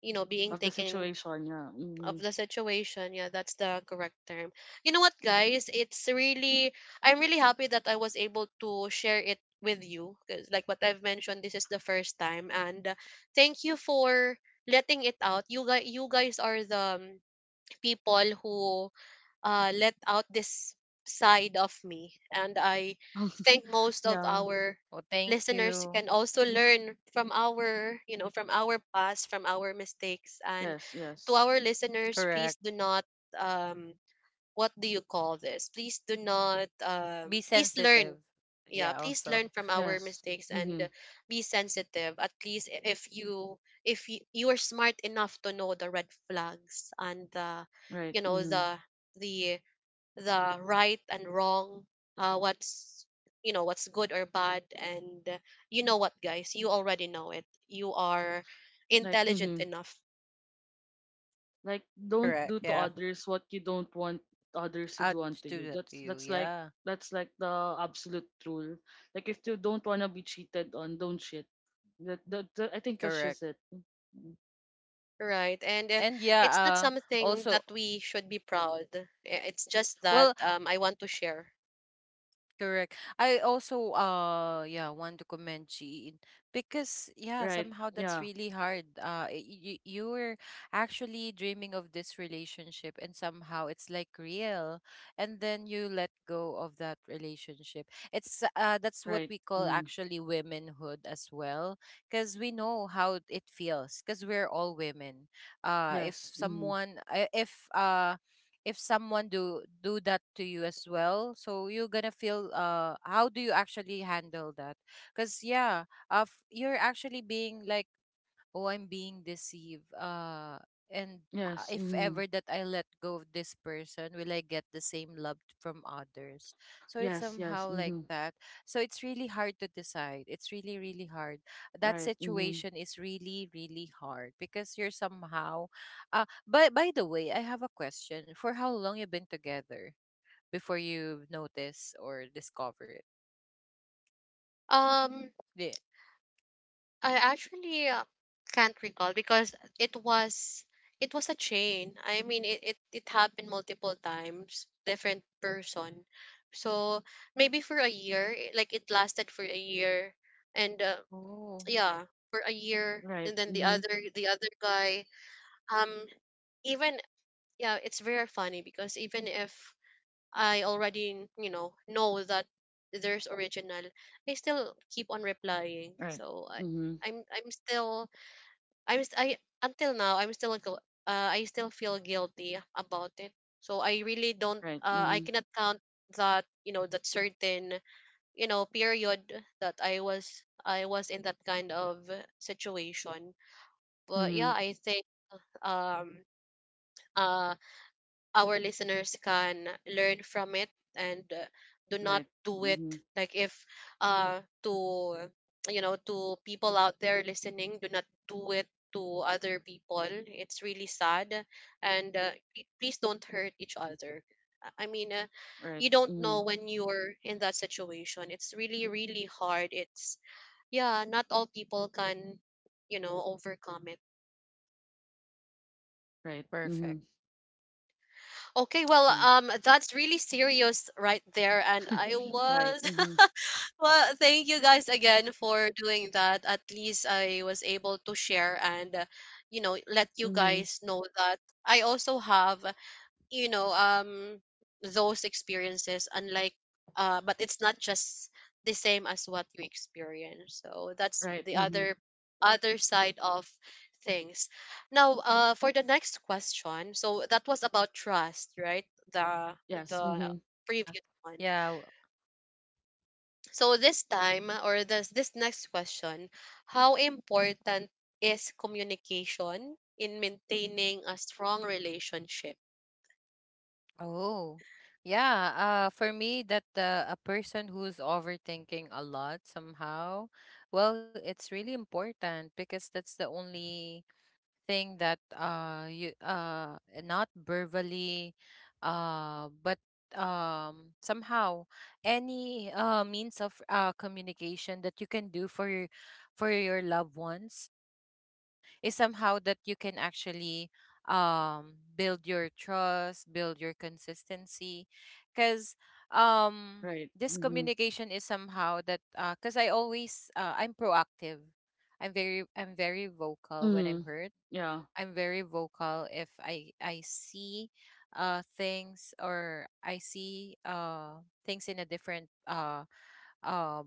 you know, being
Of the
taken
situation. Yeah. Mm-hmm.
of the situation. Yeah, that's the correct term. You know what, guys? It's really, I'm really happy that I was able to share it with you, because, like what I've mentioned, this is the first time. And thank you for letting it out. You guys are the people who let out this side of me. And I think most of
yeah.
our
Well, thank you.
listeners can also learn from our, you know, from our past, from our mistakes. And
Yes.
to
Yes.
our listeners,
Correct.
please do not um, what do you call this? Please do not
Be
please
sensitive.
learn. Yeah,
Yeah,
please
also.
learn from our
Yes.
mistakes and
Mm-hmm.
be sensitive. At least, if you, if you, you are smart enough to know the red flags, and the,
Right.
you know,
Mm-hmm.
the the right and wrong, what's, you know what's good or bad. And you know what guys, you already know it. You are
Like.
intelligent
Mm-hmm.
enough.
Like don't
Correct.
do to
Yeah.
others what you don't want others to
I'd
do unto
just
you.
do that
That's
to you.
that's like
Yeah.
that's like the absolute rule. Like if you don't wanna be cheated on, don't cheat. That I think that's just
Correct.
it. Mm.
Right. And
And yeah,
it's not something
also.
that we should be proud. It's just that
Well,
I want to share.
correct. I also yeah want to commend Jean because yeah,
Right.
somehow that's
Yeah.
really hard. You you were actually dreaming of this relationship and somehow it's like real, and then you let go of that relationship. It's that's what
Right.
we call
Mm.
actually womenhood as well, because we know how it feels because we're all women. If
Yes. Mm.
someone if someone do that to you as well, so you're gonna feel how do you actually handle that, because yeah, you're actually being like, oh, I'm being deceived, and
Yes.
if
Mm.
ever that I let go of this person, will I get the same love from others? So it's
Yes. Yes.
somehow like
Mm-hmm.
that. So it's really hard to decide, it's really, really hard. That
Right. Mm-hmm.
situation is really, really hard because you're somehow but by the way, I have a question: for how long you've been together before you notice or discover it?
Um,
Yeah.
I actually can't recall, because it was, it was a chain. I mean, it happened multiple times, different person. So maybe for a year, like it lasted for a year, and
Oh,
yeah, for a year, and
Right.
then the
Mm-hmm.
other, the other guy um even, yeah, it's very funny, because even if I already, you know that there's original, I still keep on replying.
Right.
So
Mm-hmm.
I'm, I'm still, I until now, I'm still, I still feel guilty about it. So I really don't,
Right.
I
Mm-hmm.
cannot count that, you know, that certain, you know, period that I was in that kind of situation. But yeah,
Mm-hmm.
I think, um, uh our listeners can learn from it, and do not
Right.
do it,
Mm-hmm.
like if to, you know, to people out there listening, do not do it to other people, it's really sad. And please don't hurt each other. I mean, you
Right.
don't know,
Mm-hmm.
when you're in that situation, it's really really hard. It's, yeah, not all people can, you know, overcome it.
Right.
perfect.
Mm-hmm.
Okay, well,
Right.
that's really serious right there, and I
right.
was.
Mm-hmm.
Well, thank you guys again for doing that. At least I was able to share, and, you know, let you
Mm-hmm.
guys know that I also have, you know, those experiences, unlike, but it's not just the same as what you experience. So that's
Right.
the
Mm-hmm.
other, other side of things. Now, for the next question, so that was about trust, right? the
Yes.
the
Mm-hmm.
previous one.
Yeah.
So this time, or this next question, how important is communication in maintaining a strong relationship?
Oh, yeah. For me, that a person who's overthinking a lot somehow, well, it's really important because that's the only thing that you not verbally, but somehow any means of communication that you can do for your loved ones is somehow that you can actually build your trust, build your consistency, because um
Right.
this
Mm-hmm.
communication is somehow that, because I always I'm proactive, I'm very vocal when
Mm-hmm.
I'm hurt.
Yeah.
I'm very vocal if I see things, or I see things in a different uh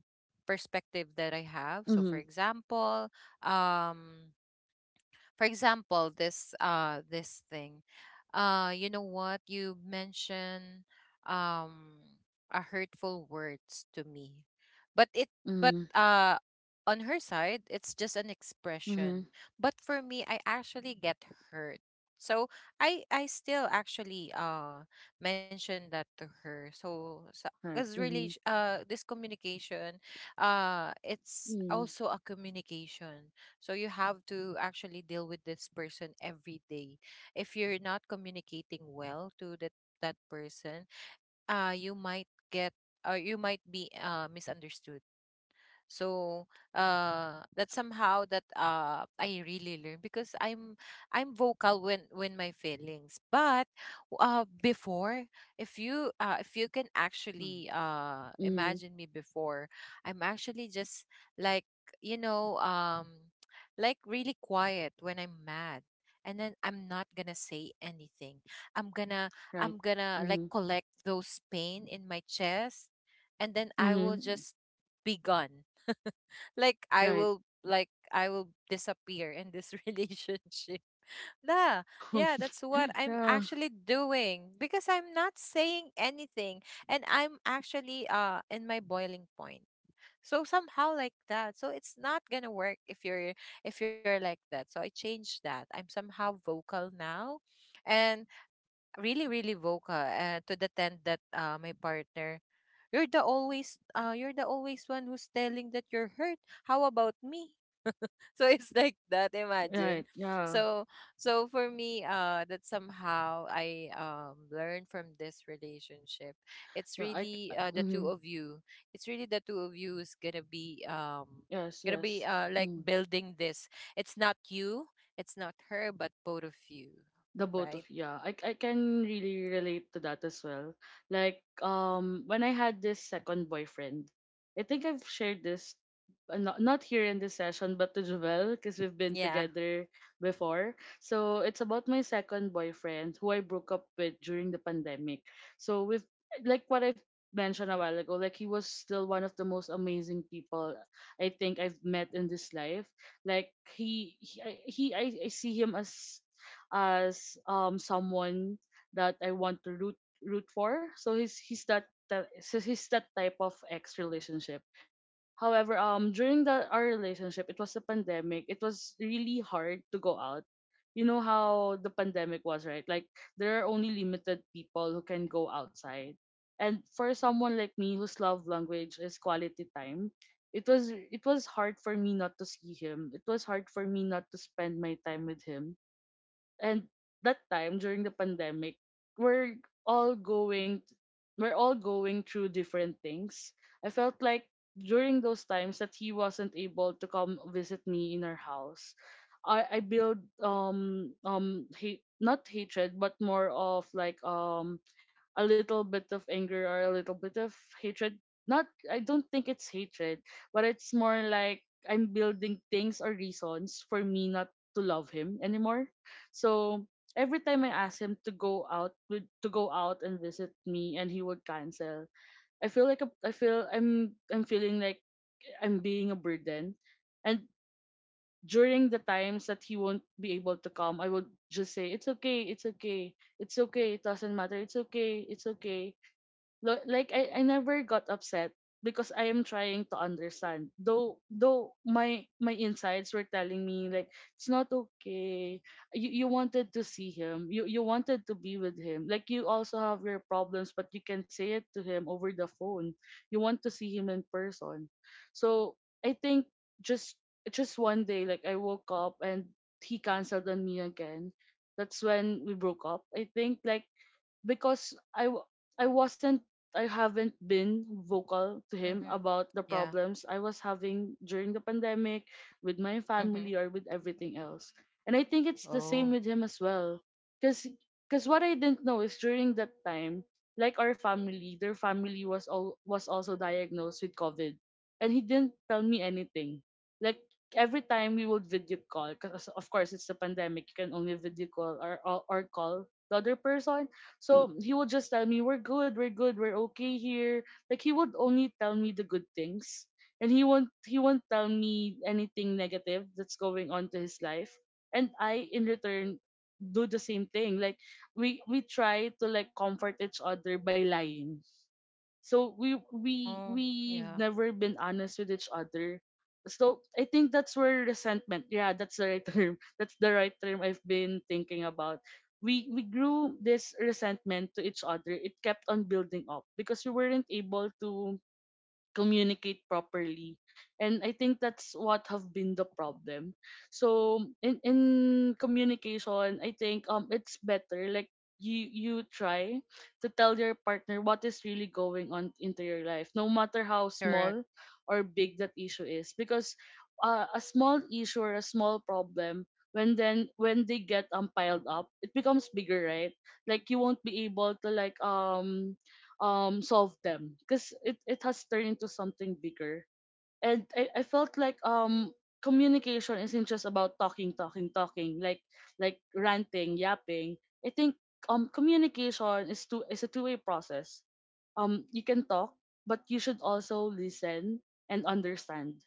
perspective that I have. So for
Mm-hmm.
example, um for example, this thing. You know what? You mentioned, um a hurtful words to me. But it but
Mm-hmm.
uh on her side, it's just an expression.
Mm-hmm.
But for me, I actually get hurt. So I still actually mention that to her. So
Right.
because really
Mm-hmm.
this communication it's
Mm-hmm.
also a communication. So you have to actually deal with this person every day. If you're not communicating well to that person, you might get or you might be misunderstood. So that somehow that I really learn, because I'm vocal when my feelings. But before, if you can actually
Mm-hmm.
imagine me before, I'm actually just like you know um, like really quiet when I'm mad. And then I'm not gonna say anything. I'm gonna I'm
Right.
gonna like
Mm-hmm.
collect those pain in my chest, and then I will
Mm-hmm.
just be gone. Like I
Right.
will like I will disappear in this relationship. Nah, yeah, that's what I'm
yeah.
actually doing because I'm not saying anything, and I'm actually in my boiling point. So somehow like that. So it's not gonna work if you're like that. So I changed that. I'm somehow vocal now, and really, really vocal, to the tent that my partner, you're the always one who's telling that you're hurt, how about me? So it's like that, imagine.
Right. Yeah.
So so for me, that somehow I learned from this relationship, it's
Yeah. I.
really the two
Mm-hmm.
of you, it's really the two of you is
Yes.
gonna be
Yes.
like
Mm-hmm.
building this, it's not you, it's not her, but both of you.
The both
Right.
of, yeah, I can really relate to that as well. Like, when I had this second boyfriend, I think I've shared this, not, not here in this session, but to Jovel, because we've been
Yeah.
together before. So it's about my second boyfriend who I broke up with during the pandemic. So, with like what I've mentioned a while ago, like he was still one of the most amazing people, I think I've met in this life. Like I see him as someone that I want to root for. So he's so he's that type of ex relationship. However, during the our relationship, it was a pandemic. It was really hard to go out. You know how the pandemic was, right? Like there are only limited people who can go outside. And for someone like me whose love language is quality time, it was hard for me not to see him. It was hard for me not to spend my time with him. And that time during the pandemic, we're all going we're all going through different things. I felt like during those times that he wasn't able to come visit me in our house, I build, hate, not hatred, but more of, like, a little bit of anger or a little bit of hatred. Not, I don't think it's hatred, but it's more like I'm building things or reasons for me not to love him anymore. So every time I ask him to go out, to go out and visit me, and he would cancel, I feel like a, I feel I'm feeling like I'm being a burden, and during the times that he won't be able to come, I would just say, it's okay, it's okay, it's okay, it doesn't matter, it's okay, it's okay. Like I never got upset, because I am trying to understand. Though my insides were telling me, like, it's not okay. You wanted to see him. You wanted to be with him. Like you also have your problems, but you can say it to him over the phone. You want to see him in person. So I think just just one day, like I woke up and he cancelled on me again. That's when we broke up. I think, like, because I wasn't, I haven't been vocal to him
Mm-hmm.
about the
Yeah.
problems I was having during the pandemic with my
Mm-hmm.
family or with everything else. And I think it's the
Oh.
same with him as well. Cause, Cause what I didn't know is during that time, like our family, their family was also diagnosed with COVID. And he didn't tell me anything. Like every time we would video call, because of course it's the pandemic, you can only video call, or or call the other person. So he would just tell me, we're good, we're good, we're okay here. Like he would only tell me the good things. And he won't tell me anything negative that's going on to his life. And I in return do the same thing. Like we try to like comfort each other by lying. So we we
Oh.
we've
Yeah.
never been honest with each other. So I think that's where resentment. Yeah, that's the right term. That's the right term I've been thinking about. We grew this resentment to each other. It kept on building up because we weren't able to communicate properly. And I think that's what have been the problem. So, in communication, I think, it's better, like, you try to tell your partner what is really going on into your life, no matter how
Correct.
small or big that issue is. Because a small issue or a small problem, when they get, piled up, it becomes bigger, right? Like you won't be able to like solve them, because it has turned into something bigger. And I felt like, communication isn't just about talking talking talking, like, ranting, yapping. I think, communication is two is a two-way process. You can talk, but you should also listen and understand.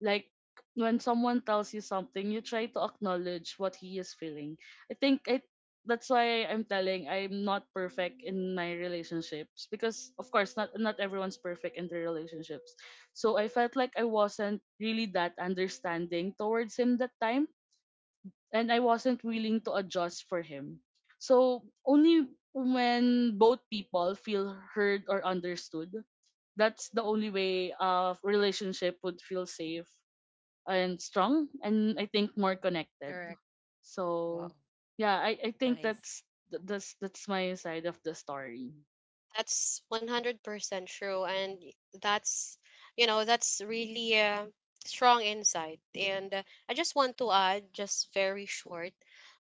Like when someone tells you something, you try to acknowledge what he is feeling. I think I that's why I'm telling, I'm not perfect in my relationships, because of course not everyone's perfect in their relationships. So I felt like I wasn't really that understanding towards him that time, and I wasn't willing to adjust for him. So only when both people feel heard or understood, that's the only way a relationship would feel safe and strong, and I think more connected.
Correct. Wow.
So yeah, I think
Nice.
that's that's that's my side of the story.
That's 100% true. And that's, you know, that's really a strong insight. And I just want to add, just very short,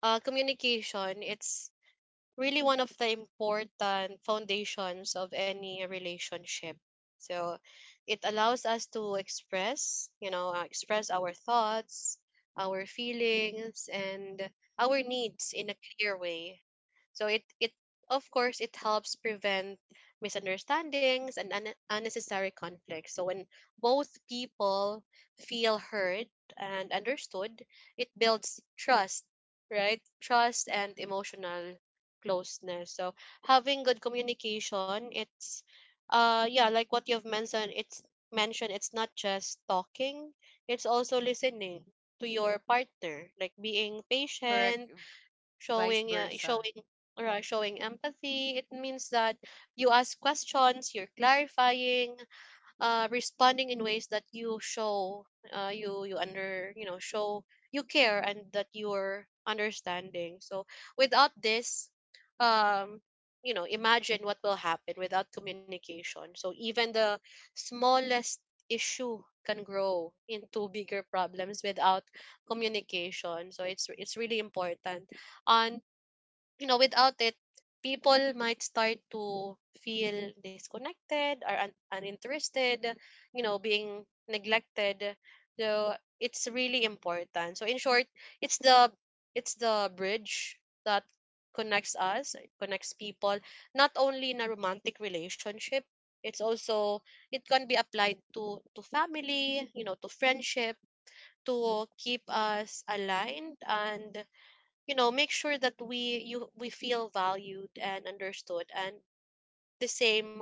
communication, it's really one of the important foundations of any relationship. So it allows us to express, you know, express our thoughts, our feelings, and our needs in a clear way. So it of course it helps prevent misunderstandings and unnecessary conflicts. So when both people feel heard and understood, it builds trust, right? Trust and emotional closeness. So having good communication, it's yeah, like what you've mentioned, it's mentioned, it's not just talking, it's also listening to your partner, like being
Correct.
patient,
Vice
showing,
versa.
showing or showing empathy. It means that you ask questions, you're clarifying, responding in ways that you show, you know, show you care, and that you're understanding. So without this um you know, imagine what will happen without communication. So even the smallest issue can grow into bigger problems without communication. So it's really important. And you know, without it, people might start to feel disconnected or uninterested, you know, being neglected. So it's really important. So in short, it's the, it's the bridge that connects us, connects people, not only in a romantic relationship, it's also, it can be applied to family, you know, to friendship, to keep us aligned, and you know, make sure that we feel valued and understood, and the same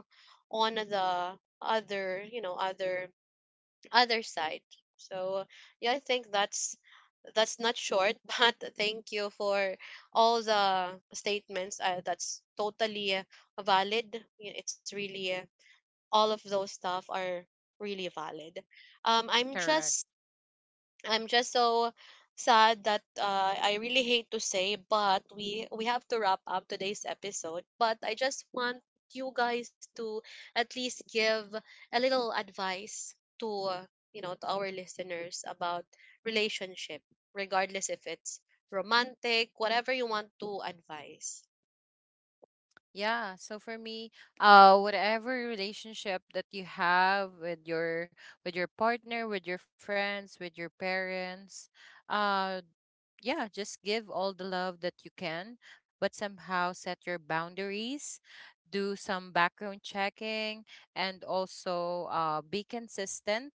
on the other, you know, other side. So yeah, I think that's not short. But thank you for all the statements, that's totally valid. It's really, all of those stuff are really valid. um i'm
Correct.
just I'm just so sad that I really hate to say, but we have to wrap up today's episode. But I just want you guys to at least give a little advice to you know, to our listeners about relationship, regardless if it's romantic, whatever you want to advise.
Yeah. So for me, whatever relationship that you have with your partner, with your friends, with your parents, uh, yeah, just give all the love that you can, but somehow set your boundaries, do some background checking, and also be consistent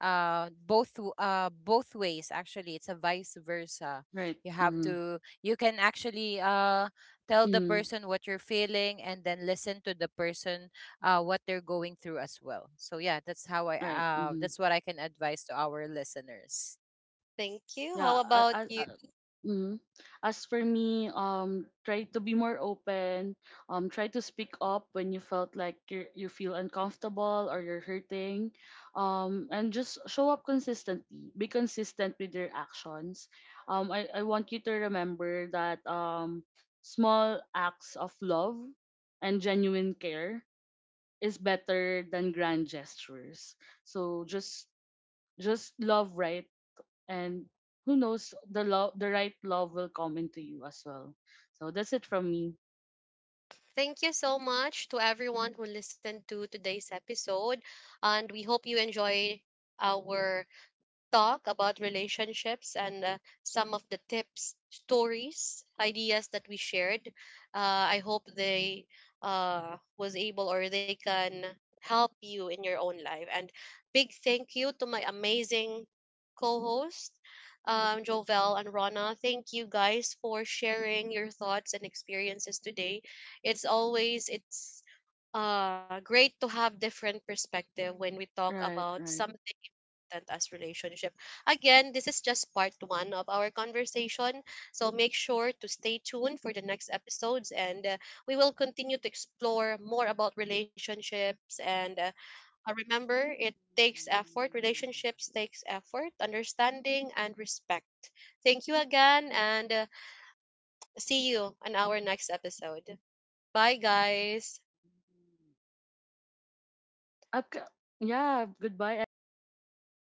both both ways. Actually, it's a vice versa.
Right.
You have
Mm.
to, you can actually tell the
Mm.
person what you're feeling and then listen to the person what they're going through as well. So yeah, that's how I
Right. Mm-hmm.
that's what I can advise to our listeners.
Thank you. How
Yeah. uh,
about
uh,
you?
uh, mm. As for me, try to be more open, try to speak up when you felt like you feel uncomfortable or you're hurting, and just show up consistently, be consistent with your actions. I want you to remember that, small acts of love and genuine care is better than grand gestures. So just love, right? And who knows, the right love will come into you as well. So that's it from me.
Thank you so much to everyone who listened to today's episode, and we hope you enjoy our talk about relationships, and some of the tips, stories, ideas that we shared. I hope they was able, or they can help you in your own life. And big thank you to my amazing co-host, Jovel and Rona. Thank you guys for sharing your thoughts and experiences today. It's always, it's great to have different perspective when we
Mm.
talk
Right,
about
right.
something important as relationship. Again, this is just part one of our conversation. So make sure to stay tuned for the next episodes. And we will continue to explore more about relationships. And remember, it takes effort, relationships takes effort, understanding and respect. Thank you again, and see you on our next episode. Bye guys.
Okay. Yeah, goodbye everyone.